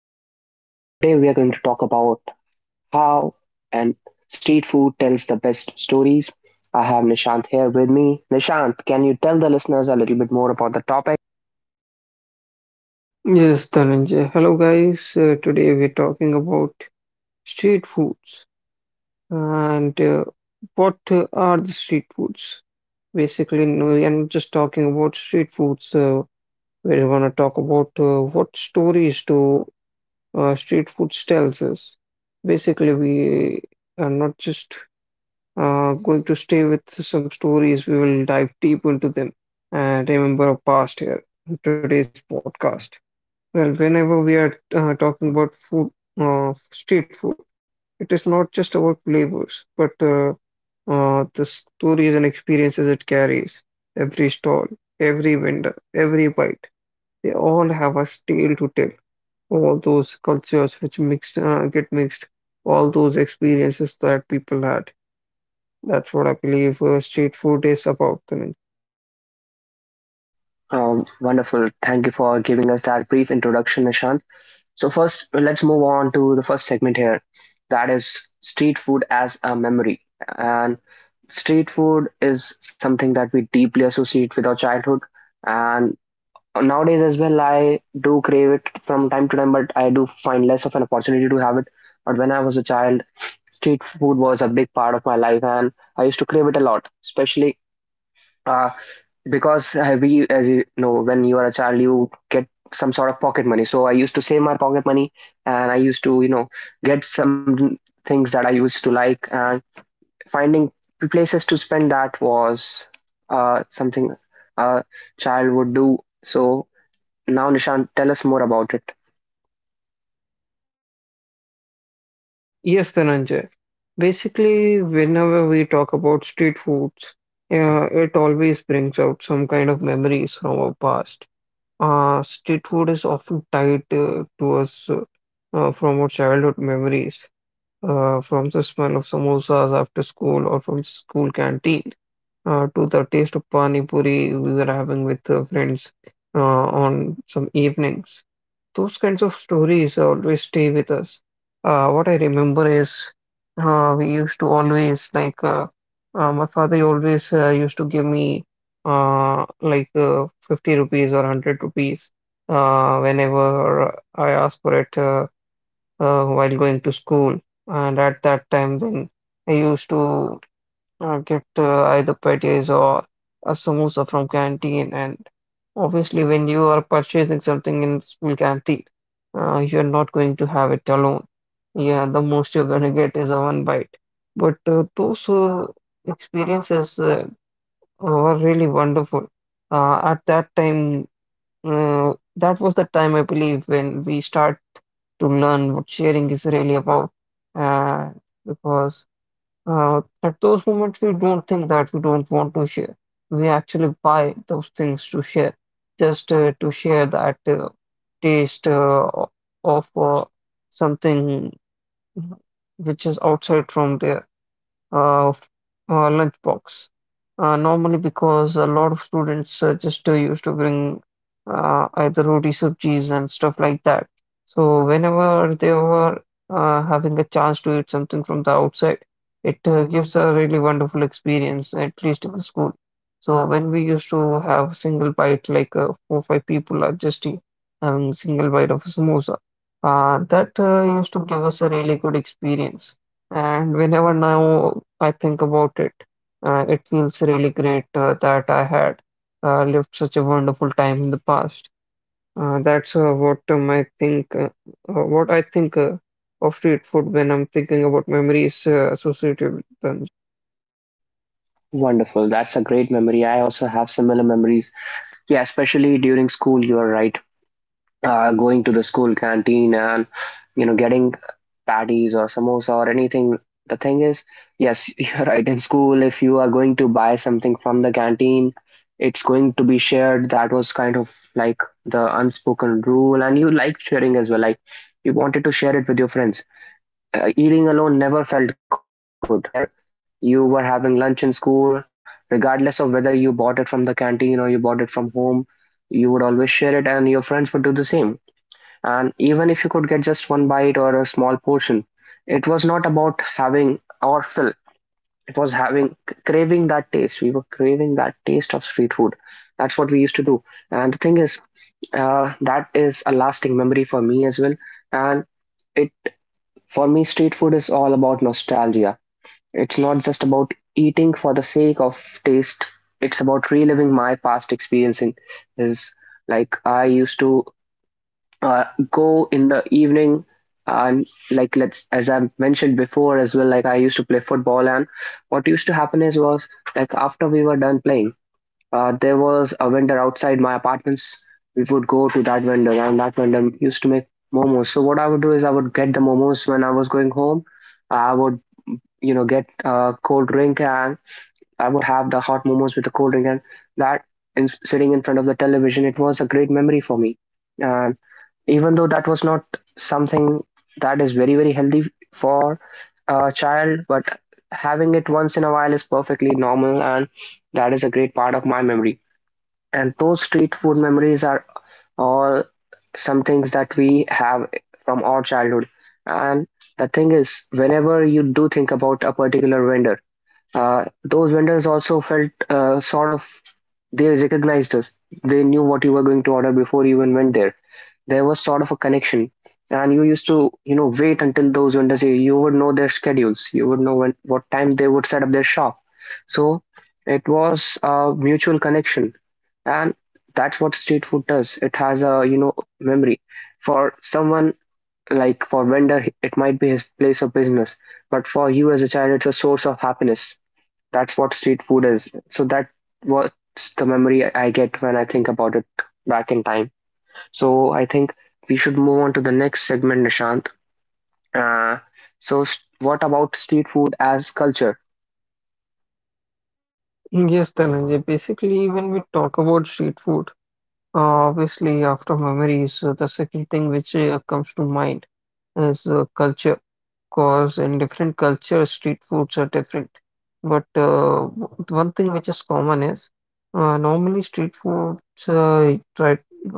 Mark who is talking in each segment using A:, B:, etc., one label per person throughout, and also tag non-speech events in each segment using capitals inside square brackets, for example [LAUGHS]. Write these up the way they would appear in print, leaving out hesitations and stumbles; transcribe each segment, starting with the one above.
A: Dhananjay, and today we are going to talk about how and street food tells the best stories. I have Nishant here with me. Nishant, can you tell the listeners a little bit more about the topic?
B: Yes, Dhananjay. Hello, guys. Today we're talking about street foods and what are the street foods? Basically, no, I'm just talking about street foods. We're gonna talk about what stories do street foods tells us. Basically, we are not just going to stay with some stories. We will dive deep into them and remember our past here in today's podcast. Well, whenever we are talking about food, street food, it is not just about flavors, but the stories and experiences it carries. Every stall, every vendor, every bite, they all have a tale to tell. All those cultures which mixed get mixed, all those experiences that people had. That's what I believe street food is about, Tanuj.
A: Wonderful. Thank you for giving us that brief introduction, Nishant. So first, let's move on to the first segment here. That is street food as a memory. And street food is something that we deeply associate with our childhood. And nowadays as well, I do crave it from time to time, but I do find less of an opportunity to have it. But when I was a child, street food was a big part of my life, and I used to crave it a lot, especially uh, because we, as you know, when you are a child, you get some sort of pocket money. So I used to save my pocket money, and I used to get some things that I used to like. And finding places to spend, that was something a child would do. So now, Nishant, tell us more about it.
B: Yes, Dhananjay. Basically, whenever we talk about street foods, it always brings out some kind of memories from our past. Street food is often tied to us from our childhood memories, from the smell of samosas after school or from school canteen, to the taste of pani puri we were having with friends uh, on some evenings, those kinds of stories always stay with us. What I remember is we used to always like my father always used to give me 50 rupees or 100 rupees whenever I asked for it while going to school. And at that time, then I used to get either patties or a samosa from canteen. And obviously, when you are purchasing something in school canteen, you're not going to have it alone. Yeah, the most you're gonna get is a one bite. But those experiences were really wonderful. At that time, that was the time I believe when we start to learn what sharing is really about. Uh, because at those moments, we don't think that we don't want to share. We actually buy those things to share, just to share that taste of something which is outside from there uh, f- lunchbox. Normally, because a lot of students just used to bring either roti sabjis and stuff like that. So whenever they were having a chance to eat something from the outside, it gives a really wonderful experience, at least in the school. So when we used to have single bite, like 4, 5 people are having single bite of a samosa, that used to give us a really good experience. And whenever now I think about it, it feels really great that I had lived such a wonderful time in the past. That's what I think. What I think of street food when I'm thinking about memories associated with them.
A: Wonderful. That's a great memory. I also have similar memories. Yeah, especially during school, you are right. Going to the school canteen and, you know, getting patties or samosa or anything. The thing is, yes, [LAUGHS] you're right. In school, if you are going to buy something from the canteen, it's going to be shared. That was kind of like the unspoken rule. And you liked sharing as well. Like, you wanted to share it with your friends. Eating alone never felt good. Whenever you were having lunch in school, regardless of whether you bought it from the canteen or you bought it from home, you would always share it, and your friends would do the same. And even if you could get just one bite or a small portion, it was not about having our fill. It was having craving that taste. We were craving that taste of street food. That's what we used to do. And the thing is, that is a lasting memory for me as well. And it for me, street food is all about nostalgia. It's not just about eating for the sake of taste. It's about reliving my past experiences. Like I used to uh, go in the evening and, like, let's as I mentioned before as well. Like, I used to play football, and what used to happen is was, like, after we were done playing, there was a vendor outside my apartments. We would go to that vendor, and that vendor used to make momos. So what I would do is I would get the momos when I was going home. I would, you know, get a cold drink, and I would have the hot momos with the cold drink, and that sitting in front of the television, it was a great memory for me. And even though that was not something that is very very healthy for a child, but having it once in a while is perfectly normal, and that is a great part of my memory. And those street food memories are all some things that we have from our childhood. And the thing is, whenever you do think about a particular vendor, those vendors also felt, sort of, they recognized us. They knew what you were going to order before you even went there. There was sort of a connection, and you used to wait until those vendors. You would know their schedules. You would know when what time they would set up their shop. So it was a mutual connection, and that's what street food does. It has a memory for someone. Like, for vendor, it might be his place of business, but for you as a child, it's a source of happiness. That's what street food is. So that what's the memory I get when I think about it back in time? So I think we should move on to the next segment, Nishant. uh, what about street food as culture?
B: Yes, Dhananjay. Basically, when we talk about street food, obviously, after memories, the second thing which comes to mind is culture. Because in different cultures, street foods are different. But one thing which is common is normally uh, try,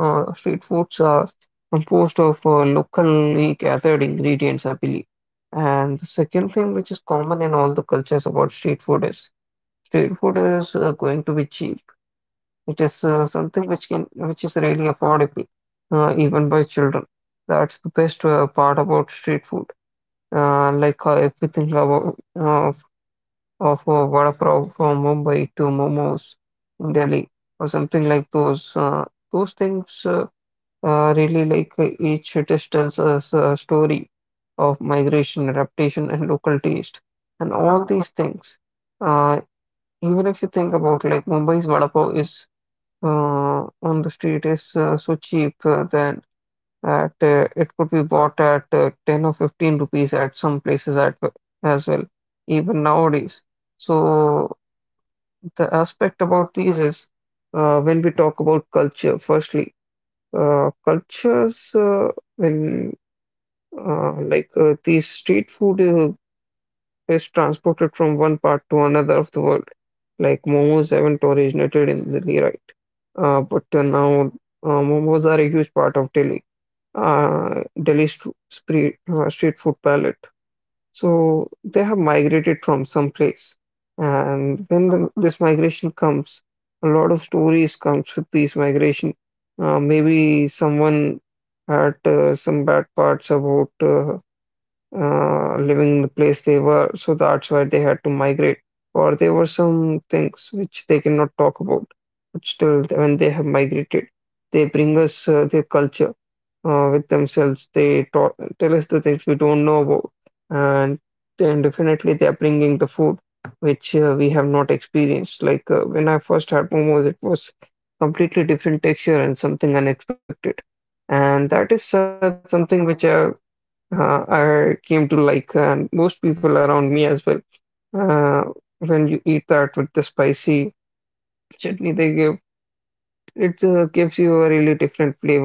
B: street foods are composed of locally gathered ingredients, I believe. And the second thing which is common in all the cultures about street food is going to be cheap. It is something which is really affordable, even by children. That's the best part about street food. If we think about of vada pav from Mumbai to momos in Delhi or something like those things really like each dish tells us a story of migration, adaptation, and local taste, and all these things. Uh, Even if you think about like Mumbai's vada pav is on the street is so cheap then at it could be bought at 10 or 15 rupees at some places as well, even nowadays. So the aspect about these is, when we talk about culture, firstly, cultures when like these street food is transported from one part to another of the world. Like momos haven't originated in Delhi, right? But now momos are a huge part of Delhi, Delhi street food palette. So they have migrated from some place, and when this migration comes, a lot of stories comes with these migration. Maybe someone had some bad parts about living the place they were, so that's why they had to migrate. Or there were some things which they cannot talk about, but still, when they have migrated, they bring us their culture with themselves. They ta tell us the things we don't know about, and then definitely they are bringing the food which we have not experienced. Like when I first had momos, it was completely different texture and something unexpected, and that is something which I came to like, and most people around me as well. Uh, when you eat that with the spicy chutney they give, it gives you a really different flavor,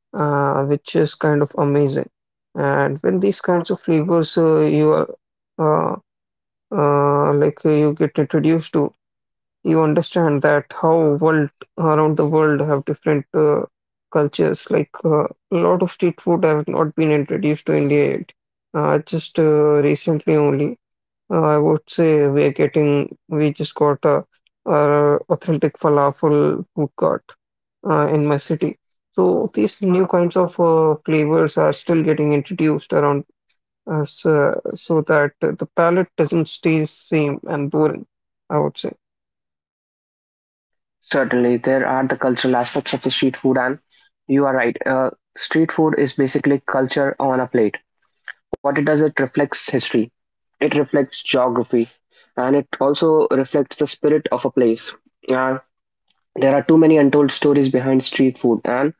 B: which is kind of amazing. And when these kinds of flavors you are uh, like you get introduced to, you understand that how world around the world have different cultures. Like a lot of street food have not been introduced to India yet. Just Recently only, I would say we are getting we just got a authentic falafel food court in my city. So these new kinds of flavors are still getting introduced around us, so that the palate doesn't stay same and boring, I would say.
A: Certainly, there are the cultural aspects of the street food, and you are right. Street food is basically culture on a plate. What it does, it reflects history, it reflects geography, and it also reflects the spirit of a place. Uh, there are too many untold stories behind street food, and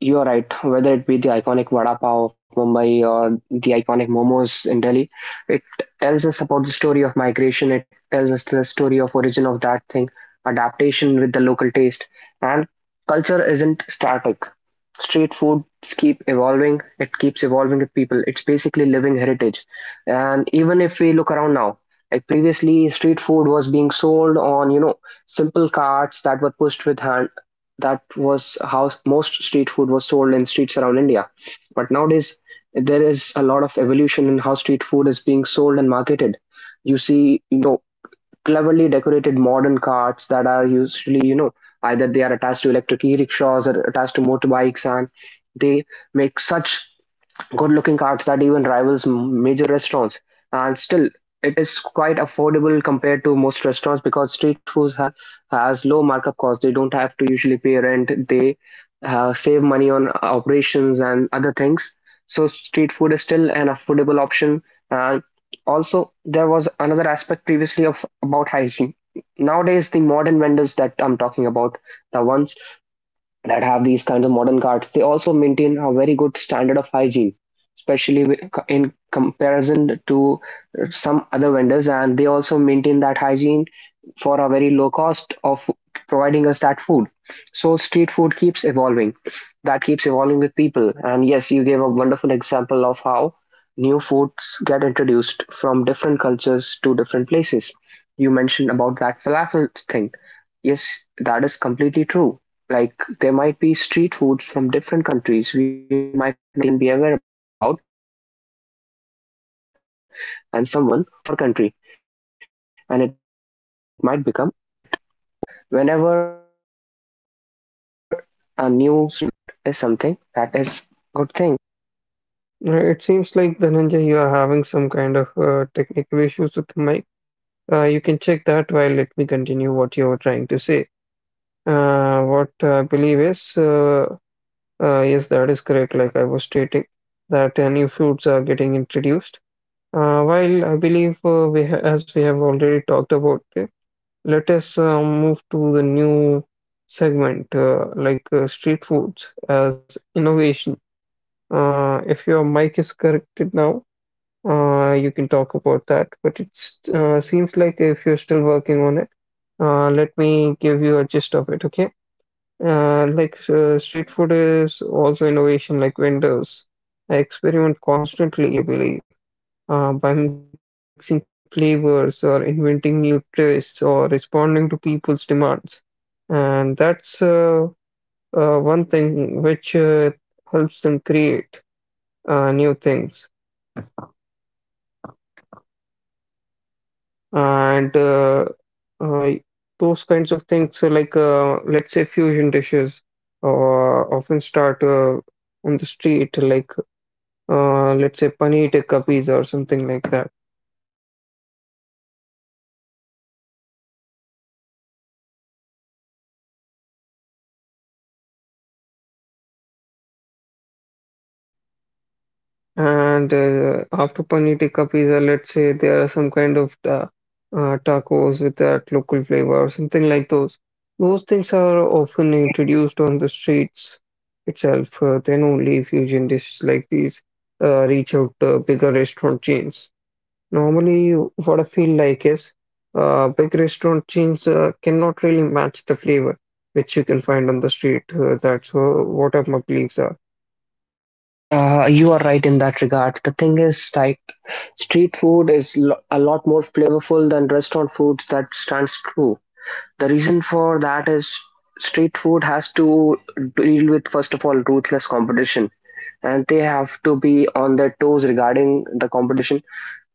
A: you are right. Whether it be the iconic vada pav of Mumbai or the iconic momos in Delhi, it tells us about the story of migration. It tells us the story of origin of that thing, adaptation with the local taste, and culture isn't static. Street foods keep evolving. It keeps evolving with people. It's basically living heritage. And even if we look around now, like, previously, street food was being sold on simple carts that were pushed with hand. That was how most street food was sold in streets around India. But nowadays, there is a lot of evolution in how street food is being sold and marketed. You see, cleverly decorated modern carts that are usually, either they are attached to electric e-rickshaws or attached to motorbikes, and they make such good-looking carts that even rivals major restaurants. And still, it is quite affordable compared to most restaurants because street foods have has low markup costs. They don't have to usually pay rent. They save money on operations and other things. So street food is still an affordable option. And also, there was another aspect previously of about hygiene. Nowadays, the modern vendors that I'm talking about, the ones that have these kinds of modern carts, they also maintain a very good standard of hygiene, especially in comparison to some other vendors. And they also maintain that hygiene for a very low cost of providing us that food. So street food keeps evolving. That keeps evolving with people. And yes, you gave a wonderful example of how new foods get introduced from different cultures to different places. You mentioned about that falafel thing. Yes, that is completely true. Like, there might be street foods from different countries we might not even be aware about, and someone, what they do is they will introduce that to our country, and it might become a hit. So whenever a new street food gets introduced, that is something that is good thing.
B: It seems like, Dhananjay, you are having some kind of technical issues with the mic. You can check that while let me continue what you were trying to say. What I believe is, yes, that is correct. Like I was stating, that new foods are getting introduced. While I believe we, ha as we have already talked about it, let us move to the new segment, street foods as innovation. If your mic is corrected now, you can talk about that, but it seems like if you're still working on it, let me give you a gist of it, okay? Street food is also innovation, like vendors. I experiment constantly, I believe, by mixing flavors or inventing new tastes or responding to people's demands. And that's one thing which helps them create new things. And uh, those kinds of things. So, like, let's say fusion dishes often start on the street, like let's say paneer tikka pizza or something like that. And after paneer tikka pizza, let's say there are some kind of tacos with that local flavor or something like those. Those things are often introduced on the streets itself. Then only fusion dishes like these reach out bigger restaurant chains. Normally, what I feel like is big restaurant chains cannot really match the flavor which you can find on the street. That's what are my beliefs are.
A: You are right in that regard. The thing is, like, street food is a lot more flavorful than restaurant food. That stands true. The reason for that is street food has to deal with, first of all, ruthless competition, and they have to be on their toes regarding the competition.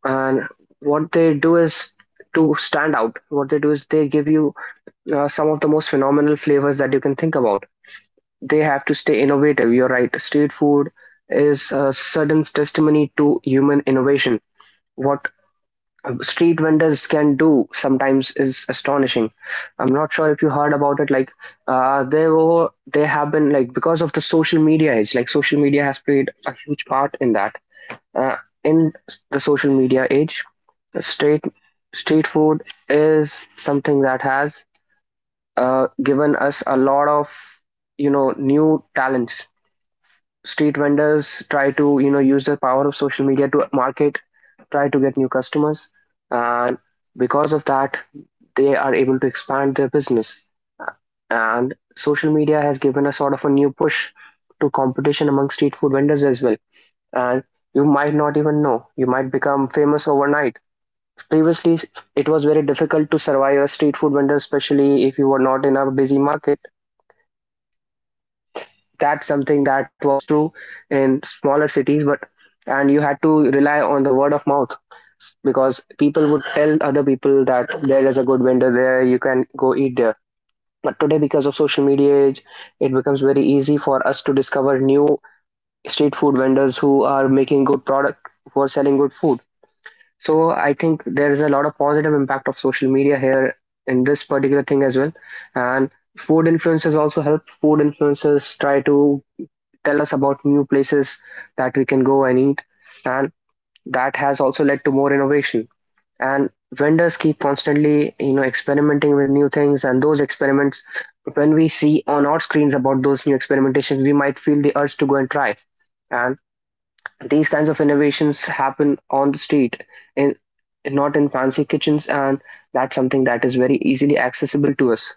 A: And what they do is to stand out. What they do is they give you some of the most phenomenal flavors that you can think about. They have to stay innovative. You're right. Street food is a sudden testimony to human innovation. What street vendors can do sometimes is astonishing. I'm not sure if you heard about it. Like, they have been, like, because of the social media age. Like, social media has played a huge part in that. Uh, in the social media age, street street food is something that has given us a lot of new talents. Street vendors try to, use the power of social media to market, try to get new customers. And because of that, they are able to expand their business. And social media has given a sort of a new push to competition among street food vendors as well. And you might not even know, you might become famous overnight. Previously, it was very difficult to survive as street food vendor, especially if you were not in a busy market. That's something that was true in smaller cities, but and you had to rely on the word of mouth, because people would tell other people that there is a good vendor there, you can go eat there. But today, because of social media age, it becomes very easy for us to discover new street food vendors who are making good product for selling good food. So I think there is a lot of positive impact of social media here in this particular thing as well. And food influencers also help. Food influencers try to tell us about new places that we can go and eat. And that has also led to more innovation. And vendors keep constantly, experimenting with new things. And those experiments, when we see on our screens about those new experimentations, we might feel the urge to go and try. And these kinds of innovations happen on the street, in not in fancy kitchens. And that's something that is very easily accessible to us.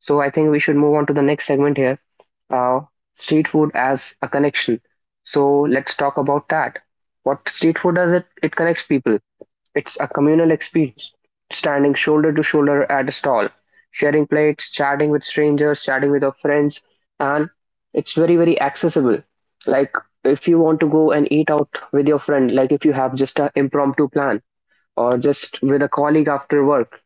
A: So I think we should move on to the next segment here, uh, street food as a connection. So let's talk about that. What street food does it? It connects people. It's a communal experience, standing shoulder to shoulder at a stall, sharing plates, chatting with strangers, chatting with our friends, and it's very, very accessible. Like if you want to go and eat out with your friend, like if you have just an impromptu plan, or just with a colleague after work,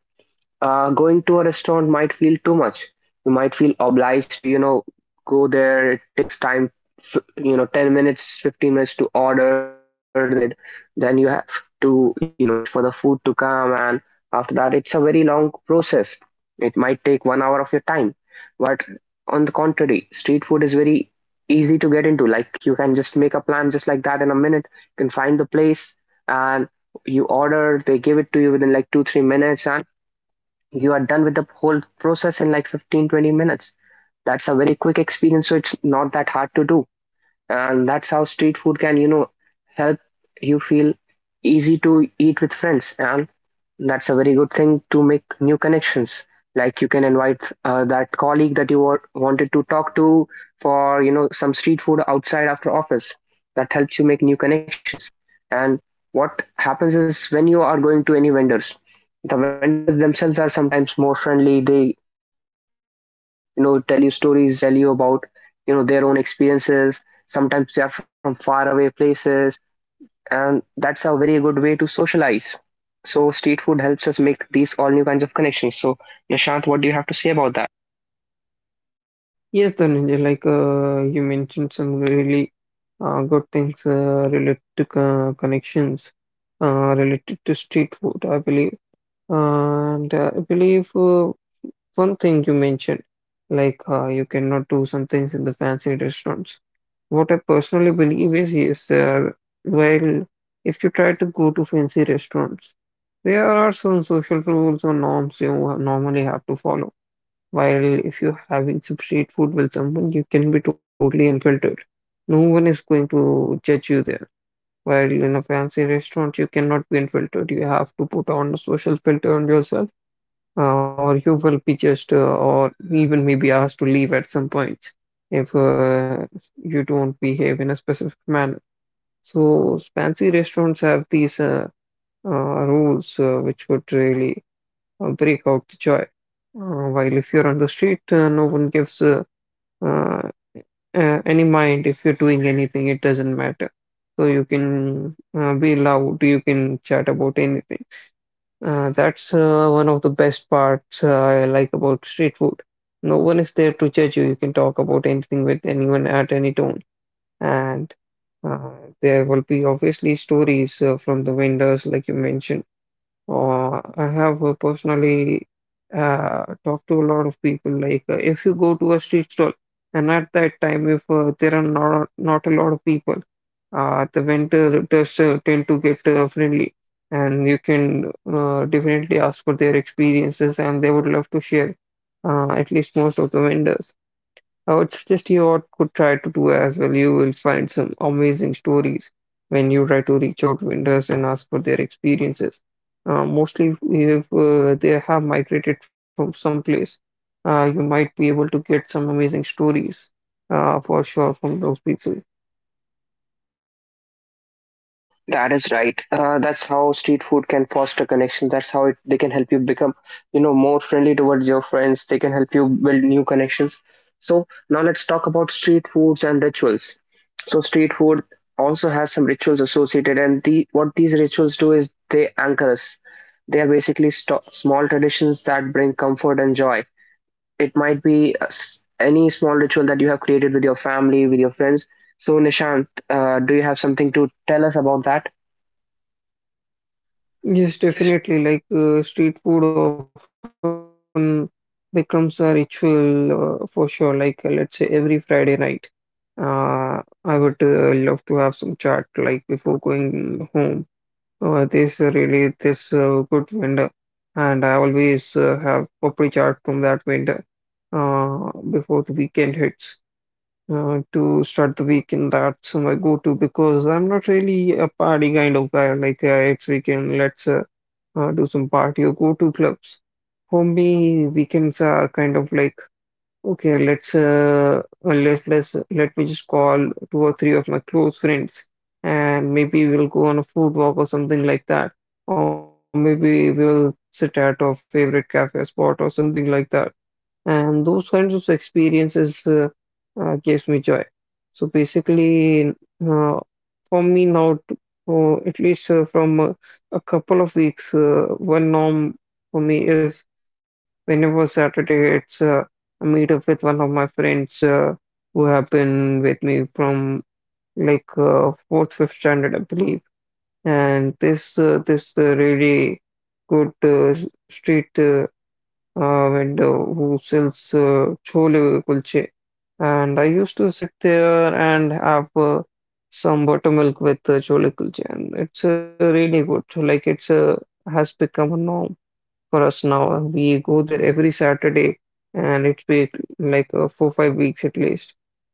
A: going to a restaurant might feel too much. You might feel obliged to, you know, go there. It takes time, you know, 10 minutes, 15 minutes to order, then to get it. Then you have to, you know, wait for the food to come. And after that, it's a very long process. It might take 1 hour of your time. But on the contrary, street food is very easy to get into. Like you can just make a plan just like that in a minute. You can find the place, and you order, they give it to you within like two, 3 minutes. And you are done with the whole process in like 15 to 20 minutes. That's a very quick experience, so it's not that hard to do. And that's how street food can, you know, help you feel easy to eat with friends. And that's a very good thing to make new connections. Like you can invite that colleague that wanted to talk to for, you know, some street food outside after office. That helps you make new connections. And what happens is when you are going to any vendors, the vendors themselves are sometimes more friendly. They, you know, tell you stories. They tell you about, you know, their own experiences. Sometimes they are from far away places, and that's a very good way to socialize. So street food helps us make these all new kinds of connections. So Nishant, what do you have to say about that?
B: Yes, Dhananjay, like you mentioned some really good things connections, related to street food, I believe. And I believe one thing you mentioned, like you cannot do some things in the fancy restaurants. What I personally believe is, yes, well, if you try to go to fancy restaurants, there are some social rules or norms you normally have to follow. While if you're having some street food with someone, you can be totally unfiltered. No one is going to judge you there. While in a fancy restaurant, you cannot be unfiltered. You have to put on a social filter on yourself, or you will be judged, or even maybe asked to leave at some point if you don't behave in a specific manner. So fancy restaurants have these rules which would really break out the joy. While if you're on the street, no one gives uh, any mind if you're doing anything, it doesn't matter. So you can be loud, you can chat about anything. That's one of the best parts I like about street food. No one is there to judge you, you can talk about anything with anyone at any tone. And uh, there will be obviously stories from the vendors like you mentioned. I have personally talked to a lot of people. Like, if you go to a street stall, and at that time, if there are not a lot of people, the vendors tend to get friendly, and you can definitely ask for their experiences, and they would love to share. At least most of the vendors. I would suggest you all could try to do as well. You will find some amazing stories when you try to reach out to vendors and ask for their experiences. Mostly, if they have migrated from someplace, you might be able to get some amazing stories for sure from those people.
A: That is right. That's how street food can foster connections. That's how it, they can help you become, you know, more friendly towards your friends. They can help you build new connections. So now let's talk about street foods and rituals. So street food also has some rituals associated, and the what these rituals do is anchor us. They are basically small traditions that bring comfort and joy. It might be any small ritual that you have created with your family, with your friends. So, Nishant, do you have something to tell us about that?
B: Yes,
A: Yes.
B: definitely. Like street food often becomes a ritual for sure. Like let's say every Friday night. Uh, I would love to have some chat like before going home. There's really this good vendor, and I always have proper chat from that vendor before the weekend hits. To start the weekend, that's my go-to because I'm not really a party kind of guy. Like it's weekend, let's do some party or go to clubs. For me, weekends are kind of like, okay, let me just call two or three of my close friends, and maybe we'll go on a food walk or something like that. Or maybe we'll sit at our favorite cafe spot or something like that, and those kinds of experiences gives me joy. So basically, for me now, at least from a couple of weeks, one norm for me is whenever Saturday, it's a meetup with one of my friends who have been with me from like fourth, fifth standard, I believe. And this really good street window who sells chole kulche, and I used to sit there and have some buttermilk with chole kulche, and it's really good. Like it's has become a norm for us now. We go there every Saturday, and it's been like 4-5 weeks at least,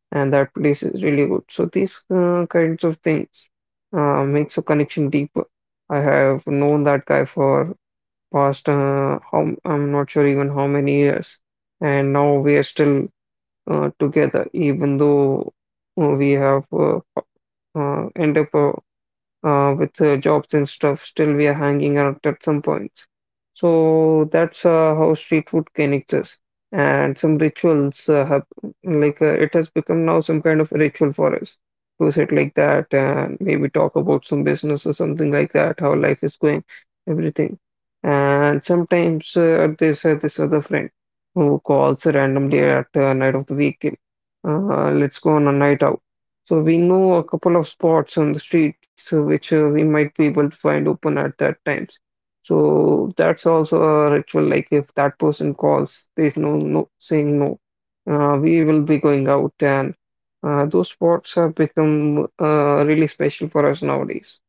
B: and that place is really good. So these kinds of things makes a connection deeper. I have known that guy for past how I'm not sure even how many years, and now we are still together, even though we have end up with jobs and stuff, still we are hanging out at some points. So that's how street food connects us. And some rituals have, like, it has become now some kind of ritual for us to sit like that and maybe talk about some business or something like that, how life is going, everything. And sometimes there's this other friend who calls randomly at night of the weekend. Let's go on a night out, so we know a couple of spots on the streets which we might be able to find open at that times. So that's also a ritual. Like if that person calls, there's no saying no. We will be going out, and those spots have become really special for us nowadays.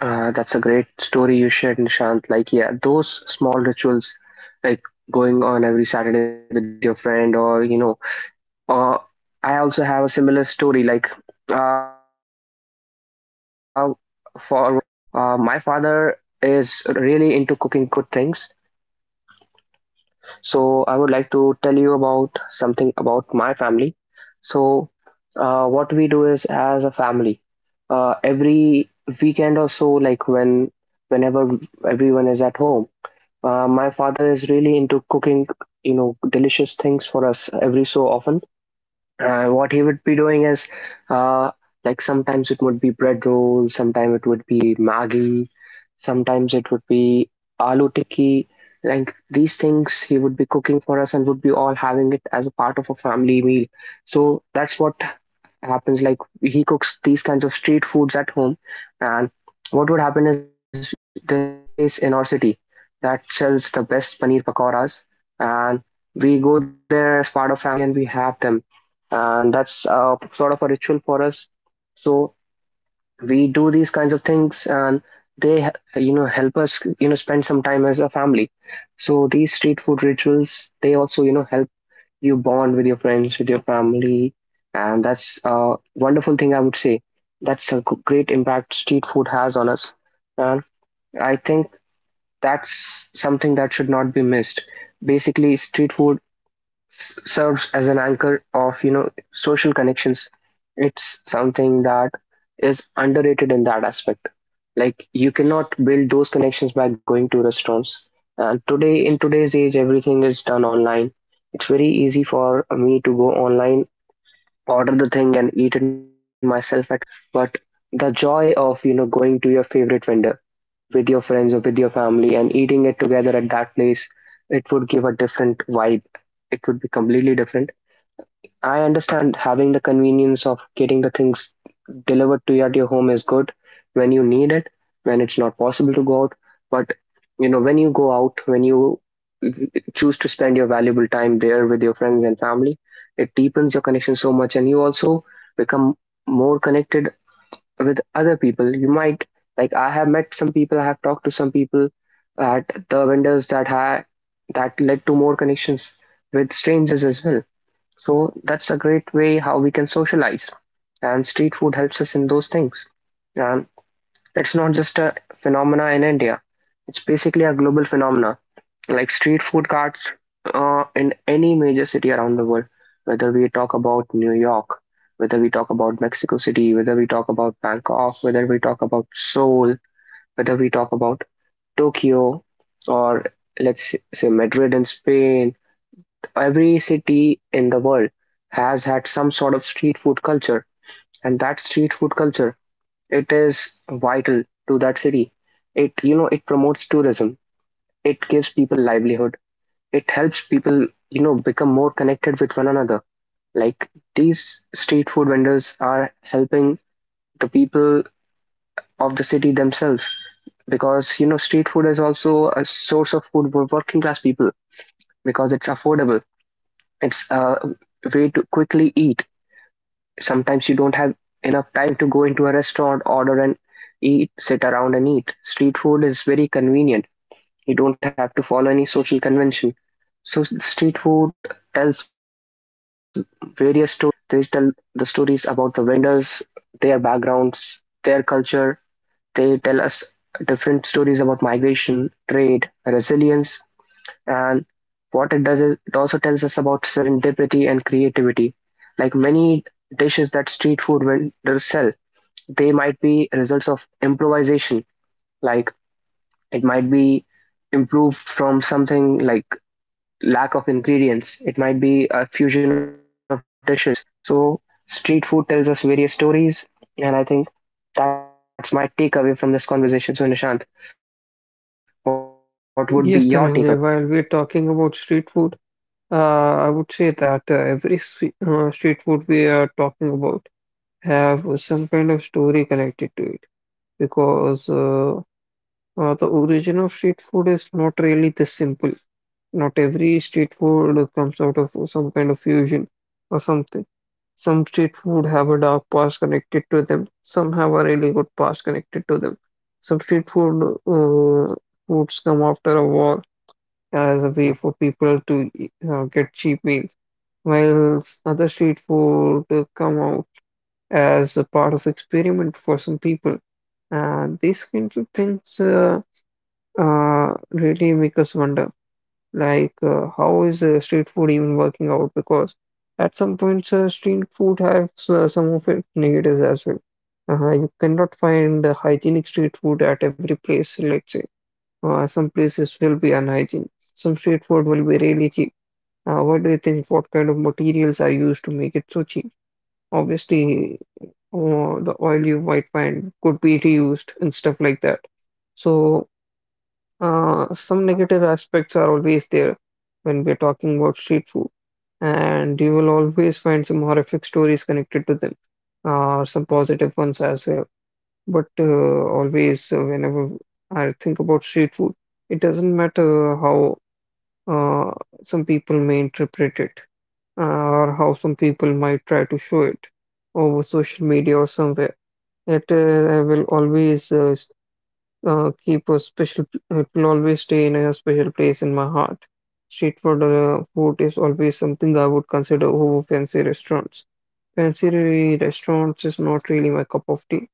A: That's a great story you shared, Nishant. Like, yeah, those small rituals, like going on every Saturday with your friend, or you know, or I also have a similar story. Like, uh, for with my family, like, my father is really into cooking good things. So I would like to tell you about something about my family. So what we do is as a family, every weekend or so, like when whenever everyone is at home, my father is really into cooking, you know, delicious things for us every so often. Uh, what he would be doing is, uh, like sometimes it would bread roll, sometimes it would be Maggi, sometimes it would be aloo tikki. Like these things he would be cooking for us and would be all having it as a part of a family meal. So that's what happens, like he cooks these kinds of street foods at home. And what would happen is there is a place in our city that sells the best paneer pakoras, and we go there as part of family and we have them, and that's sort of a ritual for us. So we do these kinds of things, and they, you know, help us, you know, spend some time as a family. So these street food rituals, they also help you bond with your friends, with your family, and that's a wonderful thing, I would say. That's a great impact street food has on us. And I think that's something that should not be missed. Basically, street food serves as an anchor of, you know, social connections. It's something that is underrated in that aspect. Like you cannot build those connections by going to restaurants, and today in today's age everything is done online. It's very easy for me to go online, order the thing and eat it myself at home. But the joy of, you know, going to your favorite vendor with your friends or with your family and eating it together at that place, it would give a different vibe. It would be completely different. I understand having the convenience of getting the things delivered to you at your home is good when you need it, when it's not possible to go out. But you know, when you go out, when you choose to spend your valuable time there with your friends and family, it deepens your connection so much, and you also become more connected with other people. You might, like I have met some people, I have talked to some people at the vendors that ha that led to more connections with strangers as well. So that's a great way how we can socialize. And street food helps us in those things. And it's not just a phenomena in India. It's basically a global phenomena. Like street food carts, in any major city around the world, whether we talk about New York, whether we talk about Mexico City, whether we talk about Bangkok, whether we talk about Seoul, whether we talk about Tokyo, or let's say Madrid in Spain. Every city in the world has had some sort of street food culture, and that street food culture, it is vital to that city. It, you know, it promotes tourism. It gives people livelihood. It helps people, you know, become more connected with one another. Like these street food vendors are helping the people of the city themselves, because you know street food is also a source of food for working class people because it's affordable. It's a way to quickly eat. Sometimes you don't have enough time to go into a restaurant, order and eat, sit around and eat. Street food is very convenient. You don't have to follow any social convention. So street food tells various stories. They tell the stories about the vendors, their backgrounds, their culture. They tell us different stories about migration, trade, resilience, and what it does is it also tells us about serendipity and creativity. Like many dishes that street food vendors sell, they might be results of improvisation. Like it might be improved from something like lack of ingredients. It might be a fusion of dishes. So street food tells us various stories, and I think that's my takeaway from this conversation. So Nishant, what would be your takeaway?
B: Yes, Dhananjay, while we're talking about street food, I would say that every street food we are talking about have some kind of story connected to it, because the origin of street food is not really this simple. Not every street food comes out of some kind of fusion or something. Some street food have a dark past connected to them. Some have a really good past connected to them. Some street food foods come after a war as a way for people to get cheap meals, while other street food come out as a part of experiment for some people. And these kinds of things really make us wonder, like how is street food even working out? Because at some points, street food has some of its negatives as well. You cannot find hygienic street food at every place, let's say. Some places will be unhygienic. Some street food will be really cheap. What do you think? What kind of materials are used to make it so cheap? Obviously, the oil you might find could be reused and stuff like that. So, some negative aspects are always there when we're talking about street food, and you will always find some horrific stories connected to them, some positive ones as well. But always, whenever I think about street food, it doesn't matter how uh, some people may interpret it, or how some people might try to show it over social media or somewhere. It will always keep a special. It will always stay in a special place in my heart. Street food, food is always something I would consider over fancy restaurants. Fancy restaurants is not really my cup of tea,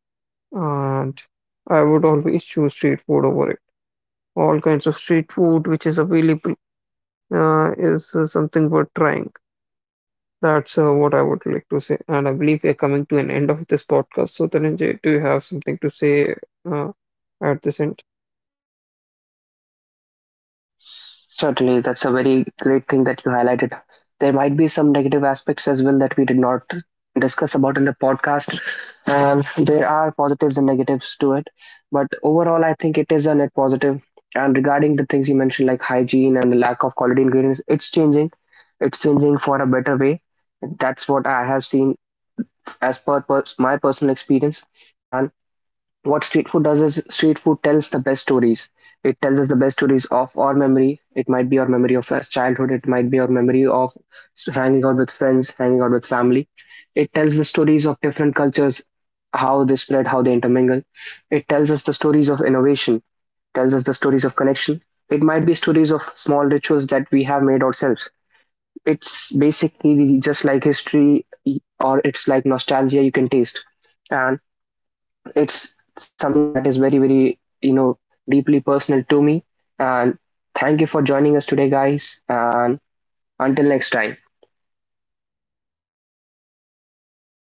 B: and I would always choose street food over it. All kinds of street food which is available is something worth trying. That's what I would like to say, and I believe we are coming to an end of this podcast. So, Dhananjay, do you have something to say uh, at this end?
A: Certainly, that's a very great thing that you highlighted. There might be some negative aspects as well that we did not discuss about in the podcast, and there are positives and negatives. But overall, I think it is a net positive. And regarding the things you mentioned, like hygiene and the lack of quality ingredients, it's changing. It's changing for a better way. That's what I have seen as per my personal experience. And what street food does is street food tells the best stories. It tells us the best stories of our memory. It might be our memory of our childhood. It might be our memory of hanging out with friends, hanging out with family. It tells the stories of different cultures, how they spread, how they intermingle. It tells us the stories of innovation, tells us the stories of connection. It might be stories of small rituals that we have made ourselves. It's basically just like history, or it's like nostalgia you can taste, and it's something that is very, very, you know, deeply personal to me. And thank you for joining us today guys, and until next time.